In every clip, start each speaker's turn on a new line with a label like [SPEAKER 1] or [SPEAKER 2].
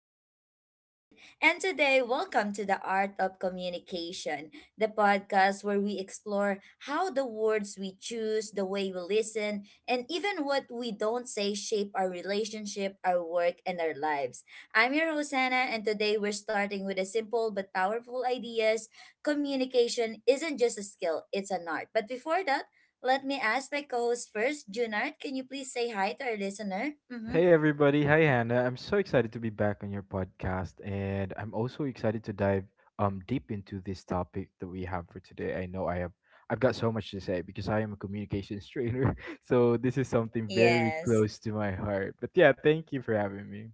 [SPEAKER 1] podcast with Junard. And today, welcome to the Art of Communication, the podcast where we explore how the words we choose, the way we listen, and even what we don't say shape our relationship, our work, and our lives. I'm your host Hannah, and today we're starting with a simple but powerful ideas. Communication isn't just a skill, it's an art. But before that, let me ask my co-host first, Junard, can you please say hi to our listener? Mm-hmm.
[SPEAKER 2] Hey everybody, hi Hannah. I'm so excited to be back on your podcast and I'm also excited to dive deep into this topic that we have for today. I know I have I've got so much to say because I am a communications trainer. So this is something very
[SPEAKER 1] Yes.
[SPEAKER 2] close to my heart. But yeah, thank you for having me.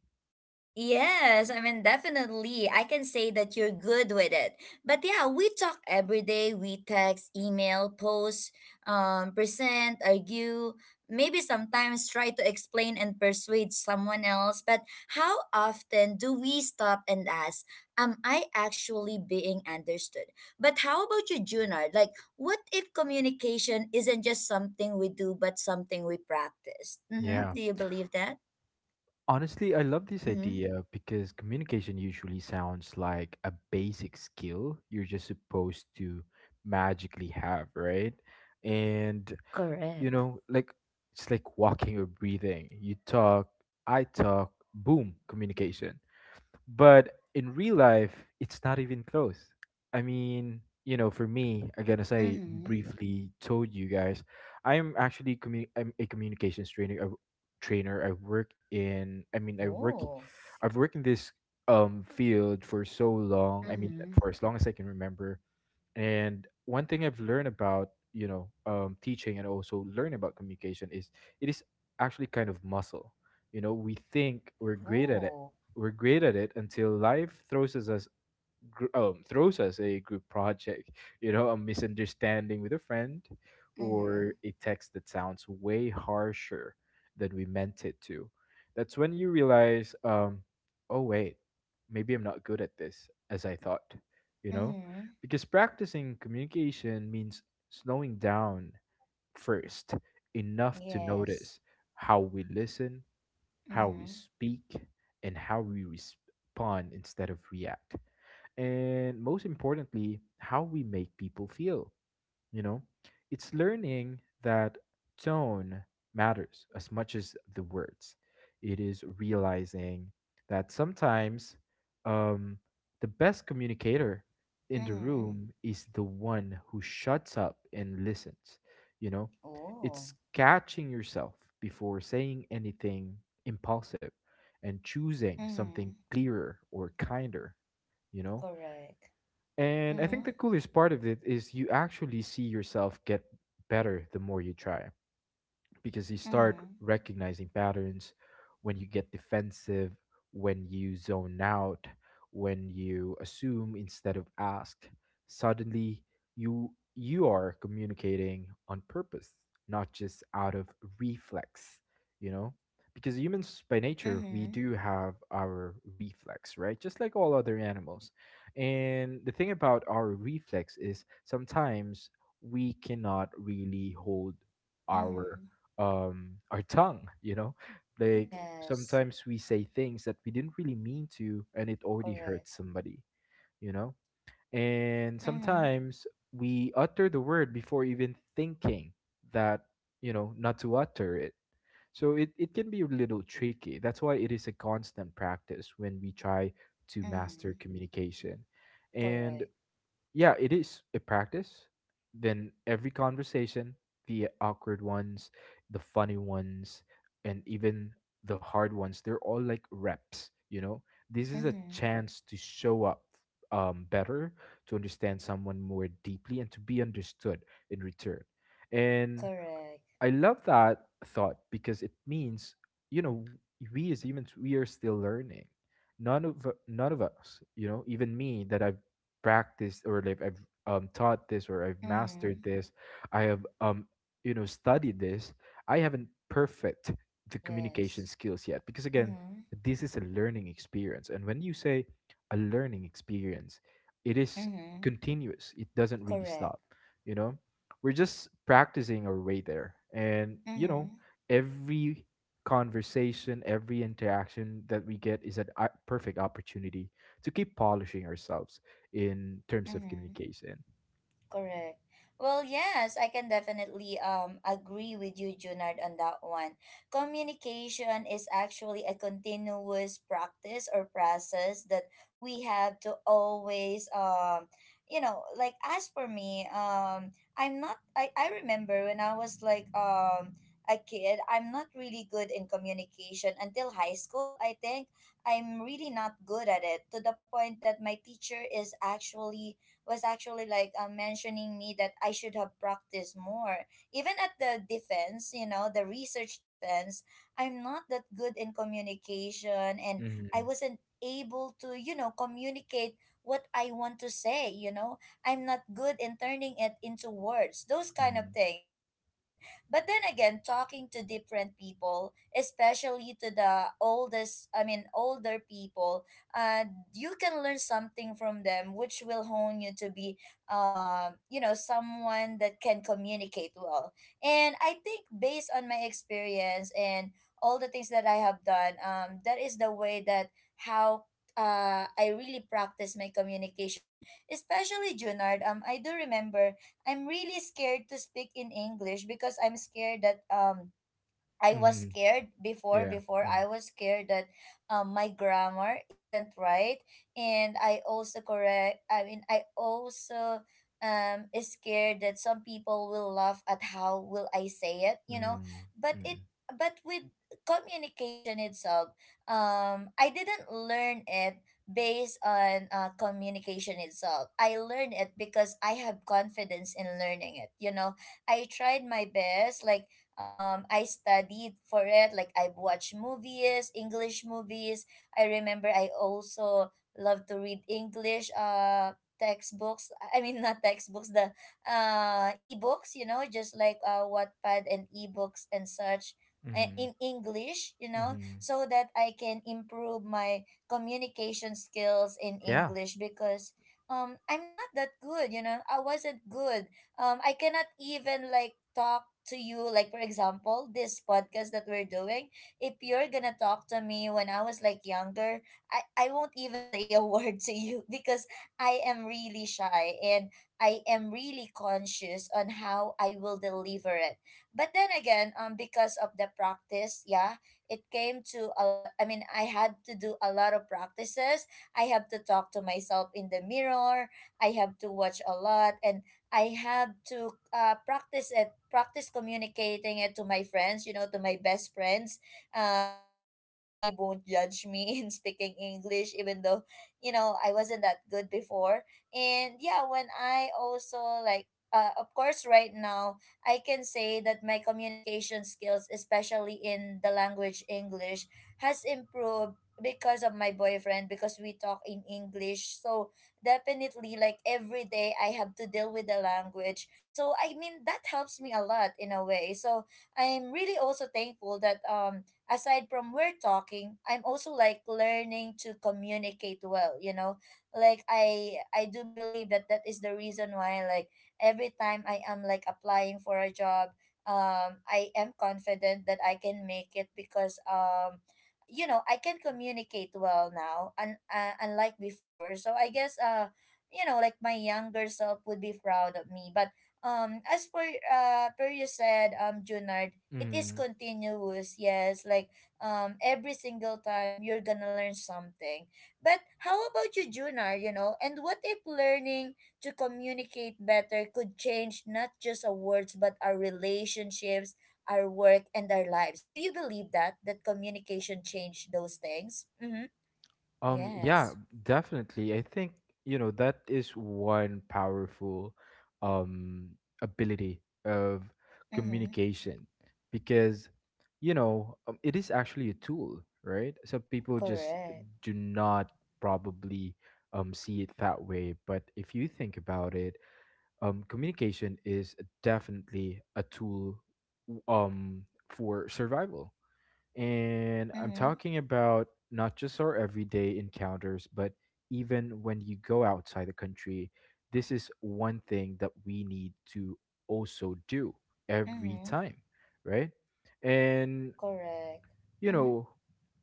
[SPEAKER 1] Yes, I mean, definitely. I can say that you're good with it. But yeah, we talk every day. We text, email, post, present, argue, maybe sometimes try to explain and persuade someone else. But how often do we stop and ask, am I actually being understood? But how about you, Junard? Like, what if communication isn't just something we do, but something we practice? Mm-hmm.
[SPEAKER 2] Yeah.
[SPEAKER 1] Do you believe that?
[SPEAKER 2] Honestly, I love this
[SPEAKER 1] Mm-hmm.
[SPEAKER 2] idea because communication usually sounds like a basic skill you're just supposed to magically have, right? And you
[SPEAKER 1] Correct.
[SPEAKER 2] know, like it's like walking or breathing. You talk, I talk, boom, communication. But in real life, it's not even close. I mean, you know, for me, again, as I
[SPEAKER 1] Mm-hmm.
[SPEAKER 2] briefly told you guys, I'm a communications trainer. I work in. I mean, I work.
[SPEAKER 1] Oh.
[SPEAKER 2] I've worked in this field for so long. I mean,
[SPEAKER 1] Mm-hmm.
[SPEAKER 2] for as long as I can remember. And one thing I've learned about, you know, teaching and also learning about communication is it is actually kind of muscle. You know, we think we're great at it.
[SPEAKER 1] Oh.
[SPEAKER 2] We're great at it until life throws us a throws us a group project, you know, a misunderstanding with a friend, or
[SPEAKER 1] Mm-hmm.
[SPEAKER 2] a text that sounds way harsher than we meant it to. That's when you realize, oh, wait, maybe I'm not good at this as I thought, you know?
[SPEAKER 1] Mm-hmm.
[SPEAKER 2] Because practicing communication means slowing down first enough to
[SPEAKER 1] Yes.
[SPEAKER 2] notice how we listen, how we
[SPEAKER 1] Mm-hmm.
[SPEAKER 2] speak, and how we respond instead of react. And most importantly, how we make people feel, you know. It's learning that tone matters as much as the words. It is realizing that sometimes, um, the best communicator in the
[SPEAKER 1] Mm-hmm.
[SPEAKER 2] room is the one who shuts up and listens, you know.
[SPEAKER 1] Oh.
[SPEAKER 2] It's catching yourself before saying anything impulsive and choosing something
[SPEAKER 1] Mm-hmm.
[SPEAKER 2] clearer or kinder, you know.
[SPEAKER 1] Correct.
[SPEAKER 2] And I think
[SPEAKER 1] Mm-hmm.
[SPEAKER 2] the coolest part of it is you actually see yourself get better the more you try, because you start
[SPEAKER 1] Mm-hmm.
[SPEAKER 2] recognizing patterns when you get defensive, when you zone out, when you assume instead of ask. Suddenly, you you are communicating on purpose, not just out of reflex, you know? Because humans by nature, we
[SPEAKER 1] Mm-hmm.
[SPEAKER 2] do have our reflex, right? Just like all other animals. And the thing about our reflex is sometimes we cannot really hold our
[SPEAKER 1] Mm-hmm.
[SPEAKER 2] our tongue, you know, like
[SPEAKER 1] Yes.
[SPEAKER 2] sometimes we say things that we didn't really mean to and it already
[SPEAKER 1] Correct.
[SPEAKER 2] hurts somebody, you know. And
[SPEAKER 1] Mm-hmm.
[SPEAKER 2] sometimes we utter the word before even thinking that, you know, not to utter it. So it can be a little tricky. That's why it is a constant practice when we try to
[SPEAKER 1] Mm-hmm.
[SPEAKER 2] master communication. And
[SPEAKER 1] Correct.
[SPEAKER 2] yeah, it is a practice. Then every conversation, the awkward ones, the funny ones, and even the hard ones, they're all like reps, you know? This is a
[SPEAKER 1] Mm-hmm.
[SPEAKER 2] chance to show up, better, to understand someone more deeply, and to be understood in return. And
[SPEAKER 1] Correct.
[SPEAKER 2] I love that thought because it means, you know, we as humans, we are still learning. None of None of us, you know, even me that I've practiced or like I've taught this or I've mastered
[SPEAKER 1] Mm-hmm.
[SPEAKER 2] this, I have you know, studied this. I haven't perfect the communication
[SPEAKER 1] Yes.
[SPEAKER 2] skills yet, because again,
[SPEAKER 1] Mm-hmm.
[SPEAKER 2] this is a learning experience. And when you say a learning experience, it is
[SPEAKER 1] Mm-hmm.
[SPEAKER 2] continuous. It doesn't really
[SPEAKER 1] Correct.
[SPEAKER 2] stop, you know. We're just practicing our way there. And, you know,
[SPEAKER 1] Mm-hmm.
[SPEAKER 2] every conversation, every interaction that we get is a perfect opportunity to keep polishing ourselves in terms of
[SPEAKER 1] Mm-hmm.
[SPEAKER 2] communication.
[SPEAKER 1] Correct. Well, yes, I can definitely agree with you, Junard, on that one. Communication is actually a continuous practice or process that we have to always, you know, like, as for me, I'm not I, I remember when I was like, a kid, I'm not really good in communication until high school, I think. I'm really not good at it to the point that my teacher is actually was actually like, mentioning me that I should have practiced more. Even at the defense, you know, the research defense, I'm not that good in communication, and
[SPEAKER 2] Mm-hmm.
[SPEAKER 1] I wasn't able to, you know, communicate what I want to say. I'm not good in turning it into words. Those kind of
[SPEAKER 2] Mm-hmm.
[SPEAKER 1] things. I wasn't. But then again, talking to different people, especially to the oldest, I mean, older people, uh, you can learn something from them, which will hone you to be, you know, someone that can communicate well. And I think based on my experience and all the things that I have done, that is the way that how, I really practice my communication, especially Junard. I do remember I'm really scared to speak in English because I'm scared that, I
[SPEAKER 2] Mm-hmm.
[SPEAKER 1] was
[SPEAKER 2] Mm-hmm.
[SPEAKER 1] scared before
[SPEAKER 2] Yeah.
[SPEAKER 1] before
[SPEAKER 2] Mm-hmm.
[SPEAKER 1] I was scared that, my grammar isn't right, and I also correct I mean I also is scared that some people will laugh at how will I say it. but it
[SPEAKER 2] Mm-hmm.
[SPEAKER 1] but with communication itself, I didn't learn it based on, communication itself. I learned it because I have confidence in learning it. I tried my best, like, I studied for it, like I've watched movies English movies I remember I also love to read English, textbooks. I mean, not textbooks, the ebooks, you know, just like, Wattpad and ebooks and such, in English, you know,
[SPEAKER 2] Mm-hmm.
[SPEAKER 1] so that I can improve my communication skills in
[SPEAKER 2] Yeah.
[SPEAKER 1] English because, I'm not that good, you know. I wasn't good. I cannot even like talk to you, like, for example, this podcast that we're doing. If you're gonna talk to me when I was like younger, I won't even say a word to you, because I am really shy, and I am really conscious on how I will deliver it. But then again, because of the practice, yeah, it came to a lot. I mean, I had to do a lot of practices. I have to talk to myself in the mirror. I have to watch a lot, and I have to, practice communicating it to my friends, you know, to my best friends, that I believe won't judge me in speaking English, even though, you know, I wasn't that good before. And yeah, when I also like of course, right now I can say that my communication skills, especially in the language English, has improved because of my boyfriend, because we talk in English. So definitely, like, every day I have to deal with the language, so I mean that helps me a lot in a way. So I'm really also thankful that, aside from we're talking, I'm also like learning to communicate well, you know? Like, I do believe that that is the reason why, like, every time I am like applying for a job, I am confident that I can make it because, you know, I can communicate well now, and, unlike before. So I guess, you know, like, my younger self would be proud of me. But, as for per you said, Junard, it is
[SPEAKER 2] Mm-hmm.
[SPEAKER 1] continuous. Yes, like, every single time you're gonna learn something. But how about you, Junard? You know, and what if learning to communicate better could change not just our words but our relationships, our work, and our lives? Do you believe that that communication changed those things? Mm-hmm.
[SPEAKER 2] Yeah,
[SPEAKER 1] Yes.
[SPEAKER 2] definitely. I think, you know, that is one powerful um ability of
[SPEAKER 1] Mm-hmm.
[SPEAKER 2] communication because, you know, it is actually a tool, right? Some people just
[SPEAKER 1] Correct.
[SPEAKER 2] do not probably see it that way, but if you think about it, communication is definitely a tool w- um for survival. And I'm
[SPEAKER 1] Mm-hmm.
[SPEAKER 2] talking about not just our everyday encounters, but even when you go outside the country, this is one thing that we need to also do every
[SPEAKER 1] Mm-hmm.
[SPEAKER 2] time, right? And,
[SPEAKER 1] Correct.
[SPEAKER 2] you
[SPEAKER 1] Mm-hmm.
[SPEAKER 2] know,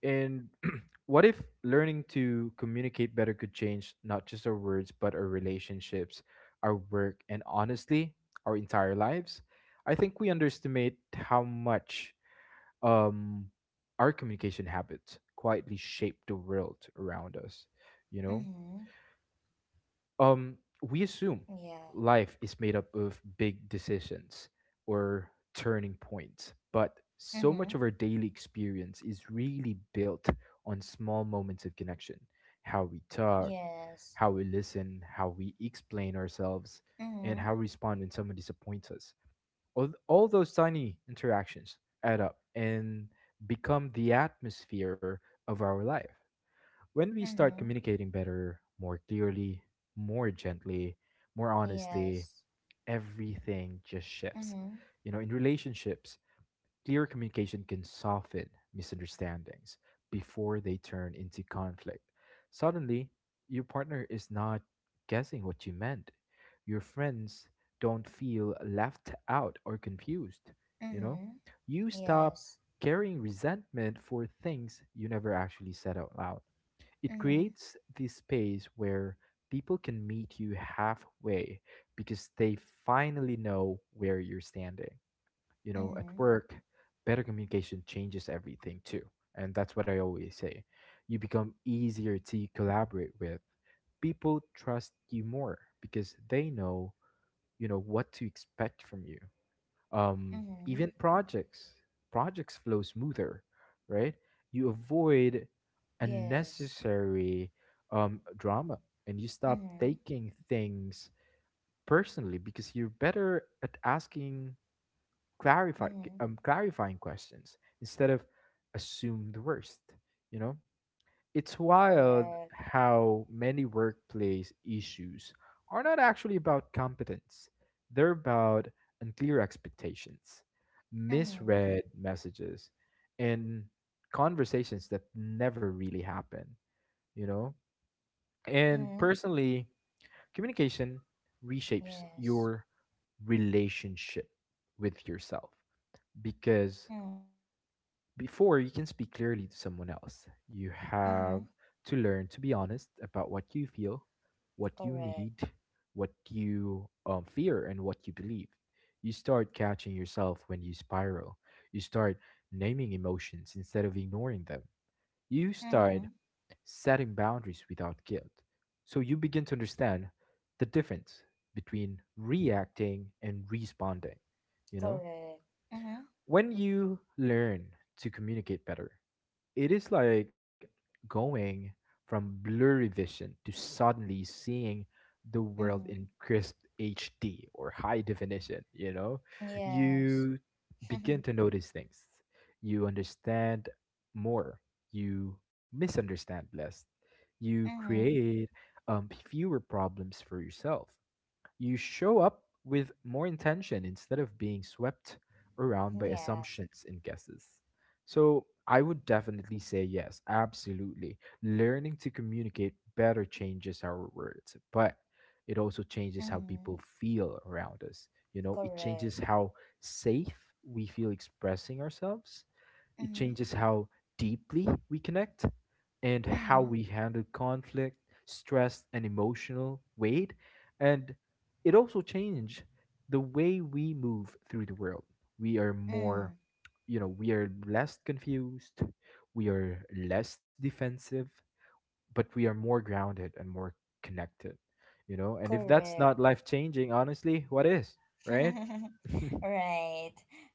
[SPEAKER 2] and what if learning to communicate better could change not just our words, but our relationships, our work, and honestly, our entire lives? I think we underestimate how much um, our communication habits quietly shape the world around us. You know,
[SPEAKER 1] Mm-hmm.
[SPEAKER 2] um, we assume
[SPEAKER 1] Yeah.
[SPEAKER 2] life is made up of big decisions or turning points, but so much
[SPEAKER 1] Mm-hmm.
[SPEAKER 2] of our daily experience is really built on small moments of connection: how we talk,
[SPEAKER 1] Yes.
[SPEAKER 2] how we listen, how we explain ourselves, and
[SPEAKER 1] Mm-hmm.
[SPEAKER 2] how we respond when someone disappoints us. All those tiny interactions add up and become the atmosphere of our life. When we start
[SPEAKER 1] Mm-hmm.
[SPEAKER 2] communicating better, more clearly, more gently, more honestly,
[SPEAKER 1] Yes.
[SPEAKER 2] everything just shifts.
[SPEAKER 1] Mm-hmm.
[SPEAKER 2] You know, in relationships, clear communication can soften misunderstandings before they turn into conflict. Suddenly, your partner is not guessing what you meant. Your friends don't feel left out or confused, you know?
[SPEAKER 1] Mm-hmm.
[SPEAKER 2] You stop
[SPEAKER 1] Yes.
[SPEAKER 2] carrying resentment for things you never actually said out loud. It
[SPEAKER 1] Mm-hmm.
[SPEAKER 2] creates this space where people can meet you halfway because they finally know where you're standing, you know. At
[SPEAKER 1] Mm-hmm.
[SPEAKER 2] work, better communication changes everything too. And that's what I always say. You become easier to collaborate with. People trust you more because they know, you know, what to expect from you. Um,
[SPEAKER 1] Mm-hmm.
[SPEAKER 2] even projects flow smoother, right? You avoid
[SPEAKER 1] Yes.
[SPEAKER 2] unnecessary drama, and you stop
[SPEAKER 1] Mm-hmm.
[SPEAKER 2] taking things personally because you're better at asking clarify
[SPEAKER 1] Mm-hmm.
[SPEAKER 2] clarifying questions instead of assume the worst, you know. It's wild
[SPEAKER 1] Correct.
[SPEAKER 2] how many workplace issues are not actually about competence. They're about unclear expectations,
[SPEAKER 1] Mm-hmm.
[SPEAKER 2] misread messages, and conversations that never really happen, you know. And
[SPEAKER 1] Mm-hmm.
[SPEAKER 2] personally, communication reshapes
[SPEAKER 1] Yes.
[SPEAKER 2] your relationship with yourself, because
[SPEAKER 1] Mm-hmm.
[SPEAKER 2] before you can speak clearly to someone else, you have
[SPEAKER 1] Mm-hmm.
[SPEAKER 2] to learn to be honest about what you feel, what you
[SPEAKER 1] Correct.
[SPEAKER 2] need, what you fear, and what you believe. You start catching yourself when you spiral. You start naming emotions instead of ignoring them. You start
[SPEAKER 1] Mm-hmm.
[SPEAKER 2] setting boundaries without guilt. So you begin to understand the difference between reacting and responding. You know,
[SPEAKER 1] Correct. Mm-hmm.
[SPEAKER 2] when you learn to communicate better, it is like going from blurry vision to suddenly seeing the world
[SPEAKER 1] Mm-hmm.
[SPEAKER 2] in crisp HD or high definition, you know?
[SPEAKER 1] Yes.
[SPEAKER 2] You begin to notice things. You understand more. You misunderstand less. You
[SPEAKER 1] Mm-hmm.
[SPEAKER 2] create, fewer problems for yourself. You show up with more intention instead of being swept around by
[SPEAKER 1] Yeah.
[SPEAKER 2] assumptions and guesses.
[SPEAKER 1] Mm-hmm.
[SPEAKER 2] So, I would definitely say yes, absolutely. Learning to communicate better changes our words, but it also changes how people
[SPEAKER 1] Mm-hmm.
[SPEAKER 2] feel around us. You know, it
[SPEAKER 1] Correct.
[SPEAKER 2] changes how safe we feel expressing ourselves. It
[SPEAKER 1] Mm-hmm.
[SPEAKER 2] changes how deeply we connect and how
[SPEAKER 1] Mm-hmm.
[SPEAKER 2] we handle conflict, stress, and emotional weight. And it also changed the way we move through the world. We are more,
[SPEAKER 1] Mm.
[SPEAKER 2] you know, we are less confused, we are less defensive, but we are more grounded and more connected, you know? And if that's
[SPEAKER 1] Correct.
[SPEAKER 2] not life changing, honestly, what is, right?
[SPEAKER 1] Right.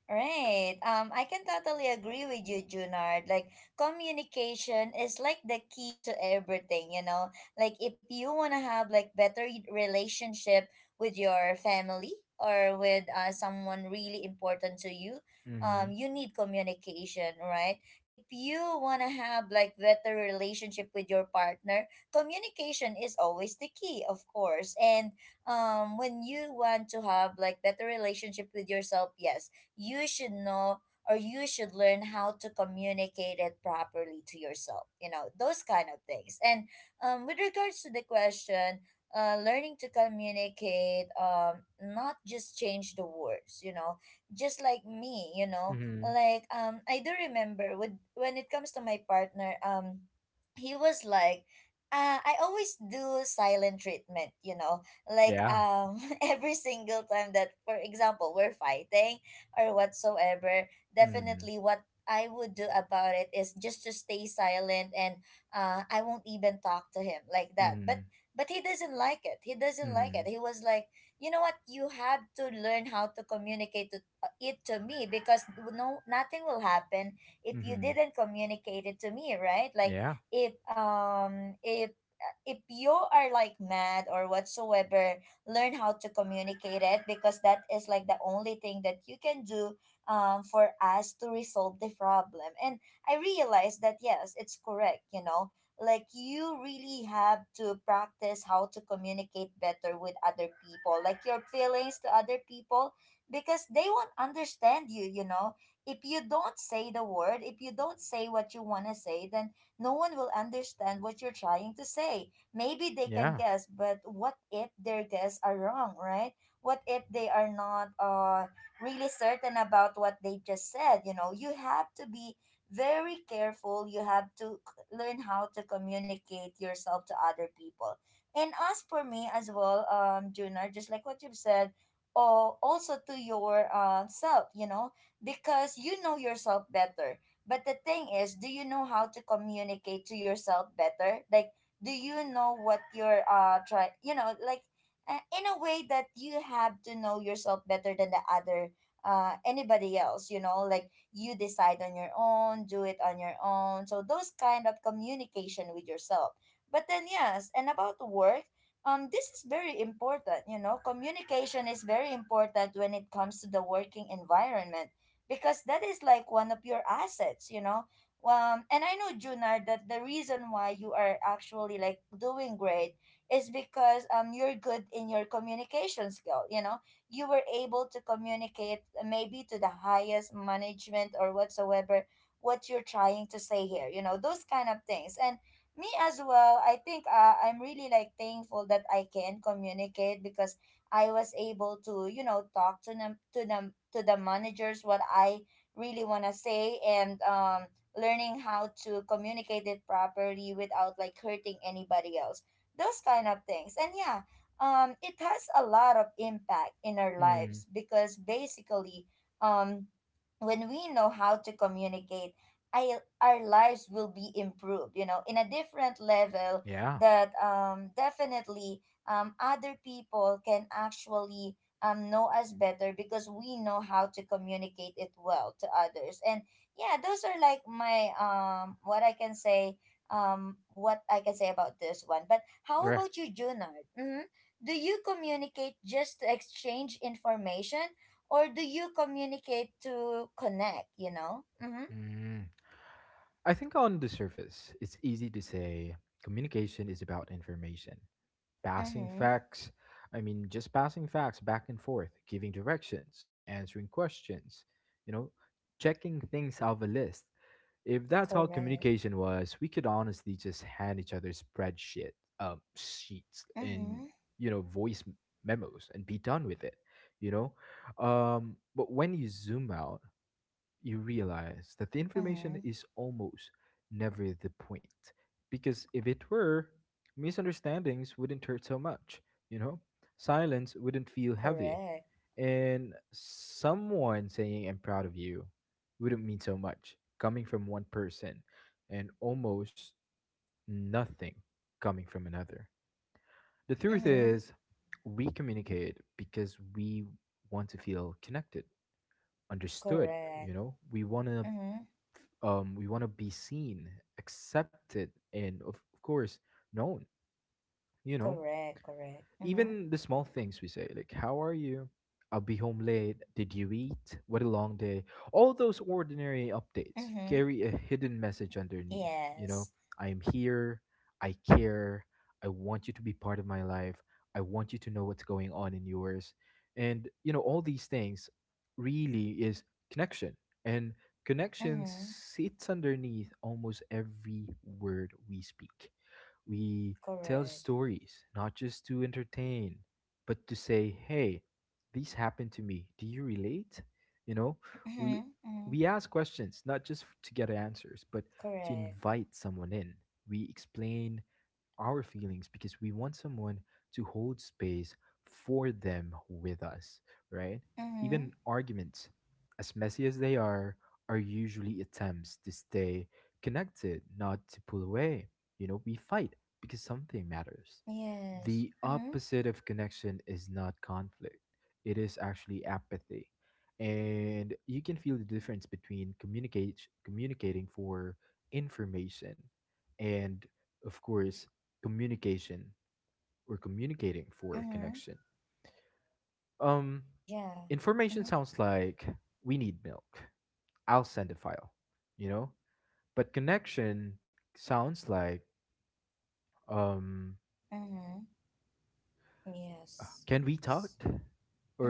[SPEAKER 1] Right. I can totally agree with you, Junard. Like, communication is like the key to everything, you know? Like, if you wanna have like better relationship with your family, or with, someone really important to you,
[SPEAKER 2] Mhm.
[SPEAKER 1] you need communication, right? If you wanna have like better relationship with your partner, communication is always the key, of course. And, when you want to have like better relationship with yourself, yes, you should know, or you should learn how to communicate it properly to yourself, you know, those kind of things. And, with regards to the question, learning to communicate, not just change the words, you know, just like me, you know,
[SPEAKER 2] Mhm.
[SPEAKER 1] like, I do remember, with when it comes to my partner, he was like, I always do silent treatment, you know, like,
[SPEAKER 2] Yeah.
[SPEAKER 1] every single time that for example we're fighting or whatsoever,
[SPEAKER 2] Mhm.
[SPEAKER 1] definitely what I would do about it is just to stay silent, and, I won't even talk to him like that. but
[SPEAKER 2] Mhm.
[SPEAKER 1] but he doesn't like it, he doesn't like it.
[SPEAKER 2] Mhm.
[SPEAKER 1] He was like, you know what, you have to learn how to communicate it to me, because no, nothing will happen if you
[SPEAKER 2] Mhm.
[SPEAKER 1] didn't communicate it to me, right? Like,
[SPEAKER 2] Yeah.
[SPEAKER 1] if um if if you are like mad or whatsoever, learn how to communicate it, because that is like the only thing that you can do, for us to resolve the problem. And I realized that yes, it's correct, you know, like, you really have to practice how to communicate better with other people, like your feelings to other people, because they won't understand you, you know. If you don't say the word, if you don't say what you want to say, then no one will understand what you're trying to say. Maybe they can
[SPEAKER 2] Yeah.
[SPEAKER 1] guess, but what if their guess are wrong, right? What if they are not, really certain about what they just said? You know, you have to be very careful. You have to learn how to communicate yourself to other people. And as for me as well, Juna, just like what you've said, or also to your, self, you know, because you know yourself better. But the thing is, do you know how to communicate to yourself better? Like, do you know what you're try? You know, like, in a way that you have to know yourself better than the other, anybody else. You know, like, you decide on your own, do it on your own. So those kind of communication with yourself. But then yes, and about work, this is very important. You know, communication is very important when it comes to the working environment, because that is like one of your assets. And I know Junar that the reason why you are actually like doing great is because, you're good in your communication skill. You know, you were able to communicate, maybe to the highest management or whatsoever what you're trying to say here. You know, those kind of things. And me as well, I think, I'm really like thankful that I can communicate, because I was able to, you know, talk to them to the managers what I really want to say, and, learning how to communicate it properly without like hurting anybody else. Those kind of things. And yeah, it has a lot of impact in our
[SPEAKER 2] Mm.
[SPEAKER 1] lives because basically, um when we know how to communicate, our lives will be improved, you know, in a different level.
[SPEAKER 2] Yeah.
[SPEAKER 1] That, definitely, other people can actually, know us better because we know how to communicate it well to others. And yeah, those are like my what I can say, what I can say about this one. But how
[SPEAKER 2] Yeah.
[SPEAKER 1] about you, Junard? Mm-hmm. Do you communicate just to exchange information, or do you communicate to connect? You know. Mm-hmm.
[SPEAKER 2] Mm. I think on the surface, it's easy to say communication is about information, passing
[SPEAKER 1] Mm-hmm.
[SPEAKER 2] facts. I mean, just passing facts back and forth, giving directions, answering questions, you know, checking things off a list. If that's how
[SPEAKER 1] Correct.
[SPEAKER 2] communication was, we could honestly just hand each other sheets, and
[SPEAKER 1] Mm-hmm.
[SPEAKER 2] you know, memos, and be done with it. You know, but when you zoom out, you realize that the information
[SPEAKER 1] Mm-hmm.
[SPEAKER 2] is almost never the point, because if it were, misunderstandings wouldn't hurt so much. You know, silence wouldn't feel heavy
[SPEAKER 1] Correct.
[SPEAKER 2] and someone saying I'm proud of you wouldn't mean so much coming from one person and almost nothing coming from another. The truth
[SPEAKER 1] Mm-hmm.
[SPEAKER 2] is, we communicate because we want to feel connected, understood, you
[SPEAKER 1] Correct.
[SPEAKER 2] know?
[SPEAKER 1] Mm-hmm.
[SPEAKER 2] We want to be seen, accepted, and of course known, you know?
[SPEAKER 1] Correct, correct. Mm-hmm.
[SPEAKER 2] Even the small things we say, like how are you? I'll be home late. Did you eat? What a long day. All those ordinary updates
[SPEAKER 1] Mm-hmm.
[SPEAKER 2] carry a hidden message underneath. You know,
[SPEAKER 1] Yes.
[SPEAKER 2] I am here. I care. I want you to be part of my life. I want you to know what's going on in yours. And, you know, all these things really is connection. And connection
[SPEAKER 1] Mm-hmm.
[SPEAKER 2] sits underneath almost every word we speak. We tell
[SPEAKER 1] Correct.
[SPEAKER 2] stories, not just to entertain, but to say, hey, this happened to me. Do you relate? You know, we
[SPEAKER 1] Mm-hmm. Mm-hmm.
[SPEAKER 2] we ask questions, not just to get answers, but to
[SPEAKER 1] Correct.
[SPEAKER 2] invite someone in. We explain our feelings because we want someone to hold space for them with us, right? Even
[SPEAKER 1] Mm-hmm.
[SPEAKER 2] arguments, as messy as they are usually attempts to stay connected, not to pull away. You know, we fight because something matters. The
[SPEAKER 1] Yes. Mm-hmm.
[SPEAKER 2] opposite of connection is not conflict, it is actually apathy. And you can feel the difference between communicating for information and of course communication. We're communicating for
[SPEAKER 1] Mm-hmm.
[SPEAKER 2] connection. Um,
[SPEAKER 1] Yeah.
[SPEAKER 2] Information
[SPEAKER 1] Mm-hmm.
[SPEAKER 2] sounds like we need milk. I'll send a file, you know? But connection sounds like um,
[SPEAKER 1] Mm-hmm. Yes.
[SPEAKER 2] can we talk?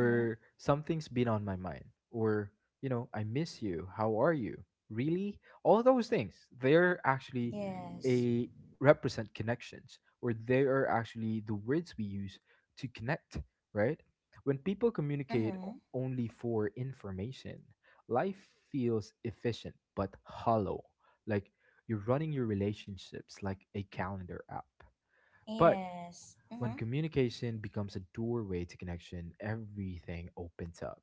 [SPEAKER 1] Mm-hmm.
[SPEAKER 2] something's been on my mind. Or, you know, I miss you. How are you? Really? All those things, they're actually
[SPEAKER 1] Yes.
[SPEAKER 2] a represent connections, or they are actually the words we use to connect, right? When people communicate
[SPEAKER 1] Mm-hmm.
[SPEAKER 2] only for information, life feels efficient but hollow. Like you're running your relationships like a calendar app. But
[SPEAKER 1] Yes.
[SPEAKER 2] when
[SPEAKER 1] Mm-hmm.
[SPEAKER 2] communication becomes a doorway to connection, everything opens up.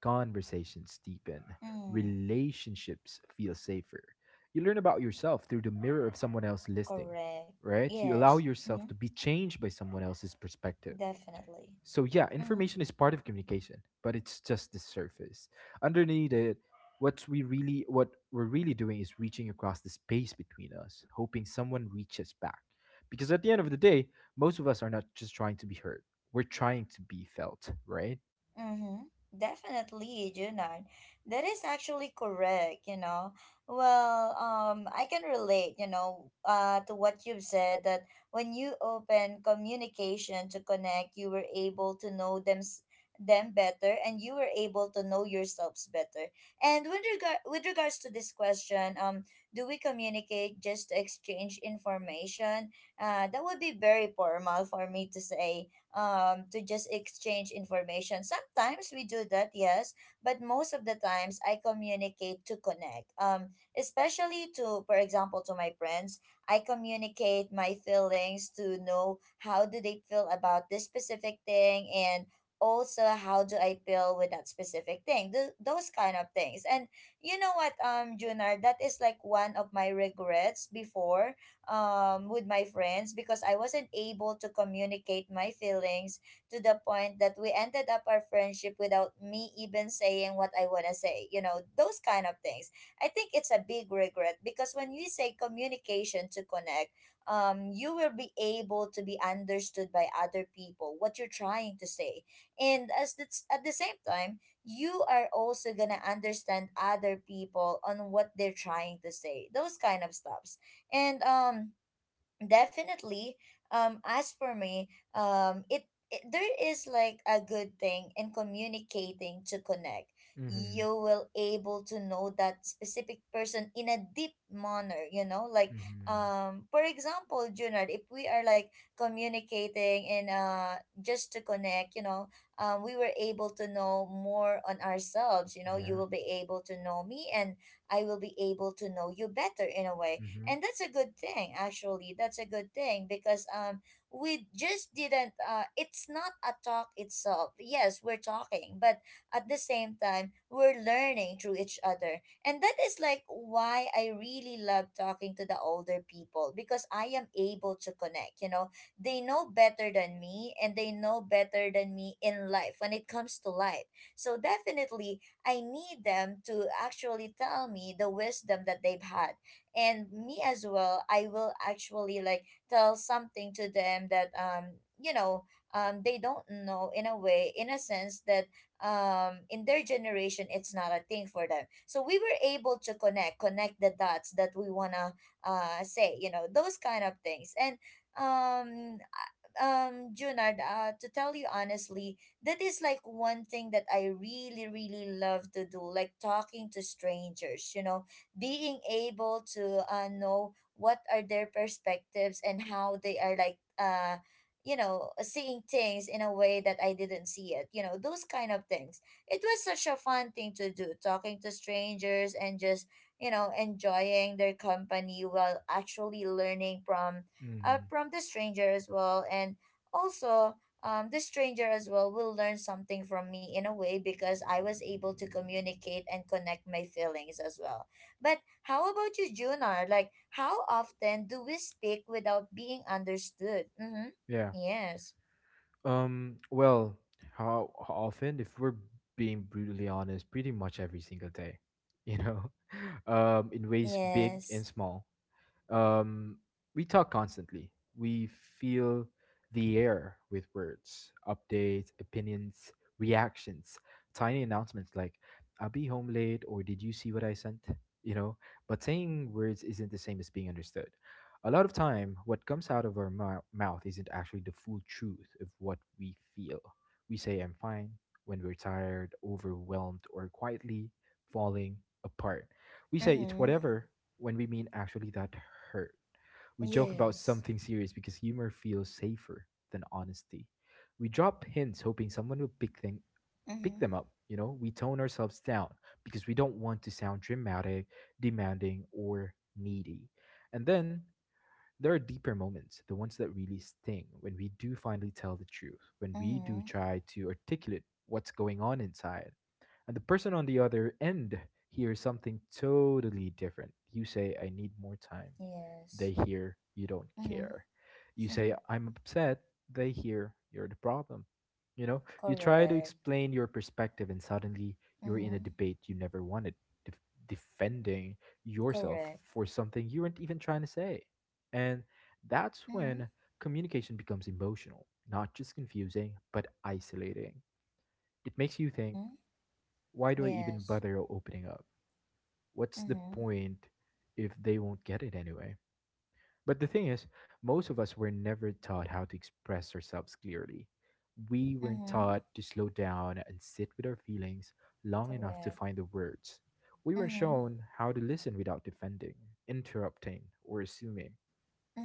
[SPEAKER 2] Conversations deepen,
[SPEAKER 1] Mm.
[SPEAKER 2] relationships feel safer. You learn about yourself through the mirror of someone else listening,
[SPEAKER 1] Correct.
[SPEAKER 2] right? You allow
[SPEAKER 1] Yes.
[SPEAKER 2] yourself
[SPEAKER 1] Mm-hmm.
[SPEAKER 2] to be changed by someone else's perspective.
[SPEAKER 1] Definitely.
[SPEAKER 2] So yeah,
[SPEAKER 1] Mm-hmm.
[SPEAKER 2] information is part of communication, but it's just the surface. Underneath it, what we're really doing is reaching across the space between us, hoping someone reaches back. Because at the end of the day, most of us are not just trying to be heard. We're trying to be felt, right?
[SPEAKER 1] Mm-hmm. Definitely, Junan. That is actually correct, you know. Well, I can relate, you know, to what you've said, that when you open communication to connect, you were able to know them better, and you were able to know yourselves better. And with regards to this question, do we communicate just to exchange information? That would be very formal for me to say, to just exchange information. Sometimes we do that, yes, but most of the times I communicate to connect. Especially for example, to my friends, I communicate my feelings to know how do they feel about this specific thing, and also how do I feel with that specific thing. Those kind of things. And you know what, Junar, that is like one of my regrets before, with my friends, because I wasn't able to communicate my feelings to the point that we ended up our friendship without me even saying what I want to say. You know, those kind of things. I think it's a big regret because when you say communication to connect, you will be able to be understood by other people what you're trying to say. And as the, at the same time, you are also gonna understand other people on what they're trying to say. Those kind of stuff, and definitely, as for me, it there is like a good thing in communicating to connect.
[SPEAKER 2] Mhm.
[SPEAKER 1] You will able to know that specific person in a deep manner, you know, like
[SPEAKER 2] Mhm.
[SPEAKER 1] for example, Junard, if we are like communicating, and just to connect, you know, we were able to know more on ourselves, you know, you
[SPEAKER 2] Yeah.
[SPEAKER 1] will be able to know me, and I will be able to know you better in a way.
[SPEAKER 2] Mhm.
[SPEAKER 1] And that's a good thing, actually. That's a good thing, because we just didn't, it's not a talk itself, yes, we're talking, but at the same time, we're learning through each other. And that is like why I really love talking to the older people, because I am able to connect, you know. They know better than me, and they know better than me in life, when it comes to life. So definitely I need them to actually tell me the wisdom that they've had. And me as well, I will actually like tell something to them, that you know, they don't know, in a way, in a sense that, in their generation, it's not a thing for them, so we were able to connect the dots that we want to say, you know, those kind of things. And Junard, to tell you honestly, that is like one thing that I really, really love to do, like talking to strangers, you know, being able to know what are their perspectives, and how they are like you know, seeing things in a way that I didn't see it, you know, those kind of things. It was such a fun thing to do, talking to strangers, and just, you know, enjoying their company while actually learning from,
[SPEAKER 2] Mhm.
[SPEAKER 1] from the stranger as well. And also, the stranger as well will learn something from me, in a way, because I was able to communicate and connect my feelings as well. But how about you, Junar? Like, how often do we speak without being understood? Mm-hmm.
[SPEAKER 2] Yeah.
[SPEAKER 1] Yes.
[SPEAKER 2] Well, how often, if we're being brutally honest, pretty much every single day, you know, in ways big and
[SPEAKER 1] Yes.
[SPEAKER 2] small. Um, we talk constantly. We feel the air with words, updates, opinions, reactions, tiny announcements like, I'll be home late, or did you see what I sent? You know, but saying words isn't the same as being understood. A lot of time, what comes out of our mouth isn't actually the full truth of what we feel. We say, I'm fine, when we're tired, overwhelmed, or quietly falling apart. We say it's
[SPEAKER 1] Mm-hmm.
[SPEAKER 2] whatever when we mean actually that hurt. We joke about
[SPEAKER 1] Yes.
[SPEAKER 2] something serious because humor feels safer than honesty. We drop hints hoping someone will pick
[SPEAKER 1] Mm-hmm.
[SPEAKER 2] them up, you know? We tone ourselves down because we don't want to sound dramatic, demanding, or needy. And then there are deeper moments, the ones that really sting, when we do finally tell the truth, when we do
[SPEAKER 1] Mm-hmm.
[SPEAKER 2] try to articulate what's going on inside, and the person on the other end hears something totally different. You say, I need more time. They
[SPEAKER 1] Yes.
[SPEAKER 2] hear, you don't care.
[SPEAKER 1] Mm-hmm.
[SPEAKER 2] You say, I'm upset. They hear, you're the problem. You know, you try to
[SPEAKER 1] Correct.
[SPEAKER 2] explain your perspective, and suddenly you're in a
[SPEAKER 1] Mm-hmm.
[SPEAKER 2] debate you never wanted, def- defending yourself
[SPEAKER 1] Correct.
[SPEAKER 2] for something you weren't even trying to say. And that's
[SPEAKER 1] Mm-hmm.
[SPEAKER 2] when communication becomes emotional, not just confusing, but isolating. It makes you think
[SPEAKER 1] Mm-hmm.
[SPEAKER 2] why do I even
[SPEAKER 1] Yes.
[SPEAKER 2] bother opening up? What's the
[SPEAKER 1] Mm-hmm.
[SPEAKER 2] point if they won't get it anyway? But the thing is, most of us were never taught how to express ourselves clearly. We weren't
[SPEAKER 1] Mm-hmm.
[SPEAKER 2] taught to slow down and sit with our feelings long enough to
[SPEAKER 1] Correct.
[SPEAKER 2] find the words. We weren't
[SPEAKER 1] Mm-hmm.
[SPEAKER 2] shown how to listen without defending, interrupting, or assuming,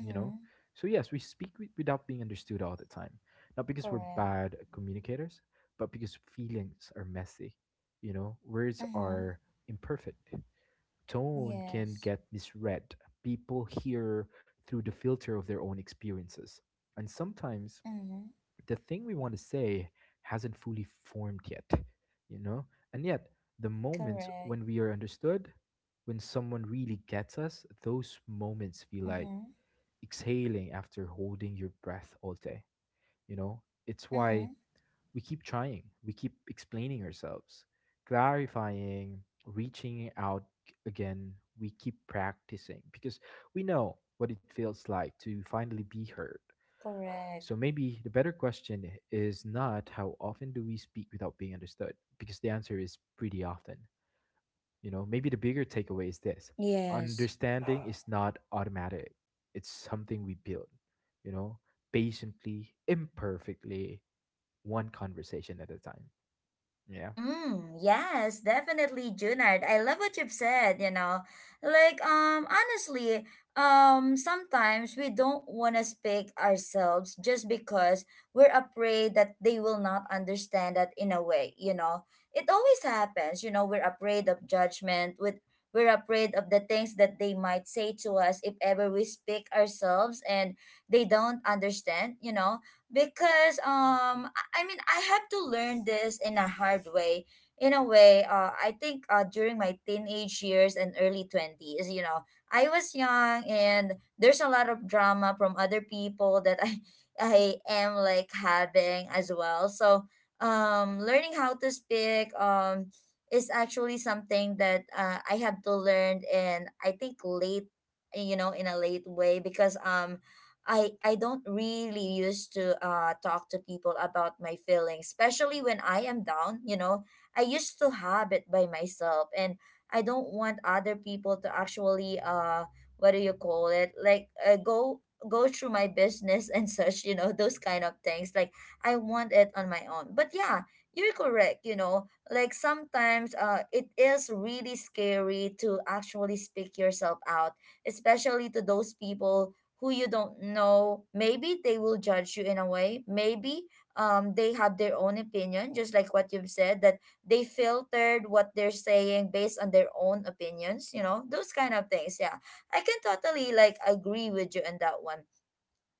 [SPEAKER 2] you know. So yes, we speak without being understood all the time, not because we're
[SPEAKER 1] Correct.
[SPEAKER 2] bad communicators, but because feelings are messy, you know. Words
[SPEAKER 1] Mm-hmm.
[SPEAKER 2] are imperfect, tone can
[SPEAKER 1] Yes.
[SPEAKER 2] get misread, people hear through the filter of their own experiences, and sometimes
[SPEAKER 1] Mm-hmm.
[SPEAKER 2] the thing we want to say hasn't fully formed yet, you know? And yet, the moments
[SPEAKER 1] Correct.
[SPEAKER 2] when we are understood, when someone really gets us, those moments feel like
[SPEAKER 1] Mm-hmm.
[SPEAKER 2] exhaling after holding your breath all day, you know? It's why
[SPEAKER 1] Mm-hmm.
[SPEAKER 2] we keep trying, we keep explaining ourselves, clarifying, reaching out again. We keep practicing because we know what it feels like to finally be heard.
[SPEAKER 1] Correct.
[SPEAKER 2] So maybe the better question is not how often do we speak without being understood, because the answer is pretty often. You know, maybe the bigger takeaway is this:
[SPEAKER 1] Yes.
[SPEAKER 2] understanding is not automatic, it's something we build, you know, patiently, imperfectly, one conversation at a time. Yeah.
[SPEAKER 1] Mm, yes, definitely, Junard. I love what you've said, you know. Like, honestly, sometimes we don't want to speak ourselves just because we're afraid that they will not understand that, in a way, you know. It always happens, you know, we're afraid of the things that they might say to us if ever we speak ourselves and they don't understand, you know, because I mean, I had to learn this in a hard way. In a way, I think during my teenage years and early 20s, you know, I was young, and there's a lot of drama from other people that I am like having as well. So, learning how to speak, is actually something that I have to learn, and I think late, you know, in a late way, because I don't really used to talk to people about my feelings, especially when I am down, you know. I used to have it by myself, and I don't want other people to actually what do you call it? Like go through my business and such, you know, those kind of things. Like, I want it on my own. But yeah, you're correct, you know. Like sometimes it is really scary to actually speak yourself out, especially to those people who you don't know, maybe they will judge you in a way, maybe they have their own opinion, just like what you've said, that they filtered what they're saying based on their own opinions, you know, those kind of things. Yeah, I can totally like agree with you on that one.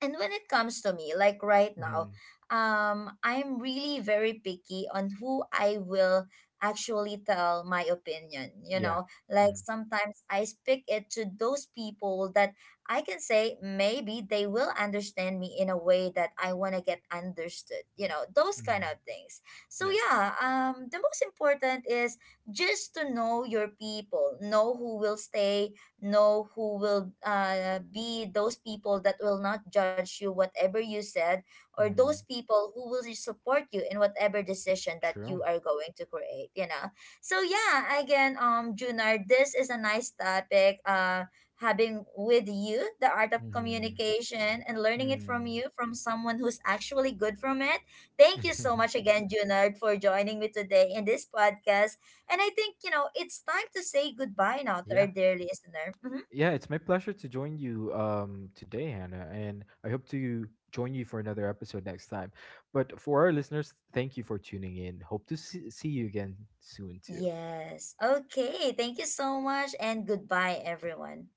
[SPEAKER 1] And when it comes to me, like right now,
[SPEAKER 2] Mm,
[SPEAKER 1] I'm really very picky on who I will actually tell my opinion, you
[SPEAKER 2] yeah.
[SPEAKER 1] know, like
[SPEAKER 2] Mm,
[SPEAKER 1] sometimes I speak it to those people that I can say maybe they will understand me in a way that I want to get understood, you know, those kind
[SPEAKER 2] mm,
[SPEAKER 1] of things. So
[SPEAKER 2] yeah.
[SPEAKER 1] yeah, the most important is just to know your people, know who will stay, know who will be those people that will not judge you whatever you said, or those
[SPEAKER 2] Mm,
[SPEAKER 1] people who will support you in whatever decision that
[SPEAKER 2] true.
[SPEAKER 1] you are going to create, you know. So yeah, again, Junard, this is a nice topic, having with you, the art of
[SPEAKER 2] Mm,
[SPEAKER 1] communication and learning it from
[SPEAKER 2] mm,
[SPEAKER 1] you, from someone who's actually good from it. Thank you so much again, Junard, for joining me today in this podcast. And I think, you know, it's time to say goodbye now to our
[SPEAKER 2] yeah.
[SPEAKER 1] dear listener. Hmm.
[SPEAKER 2] Yeah, it's my pleasure to join you today, Hannah, and I hope to join you for another episode next time. But for our listeners, thank you for tuning in. Hope to see you again soon, too.
[SPEAKER 1] Yes. Okay. Thank you so much and goodbye, everyone.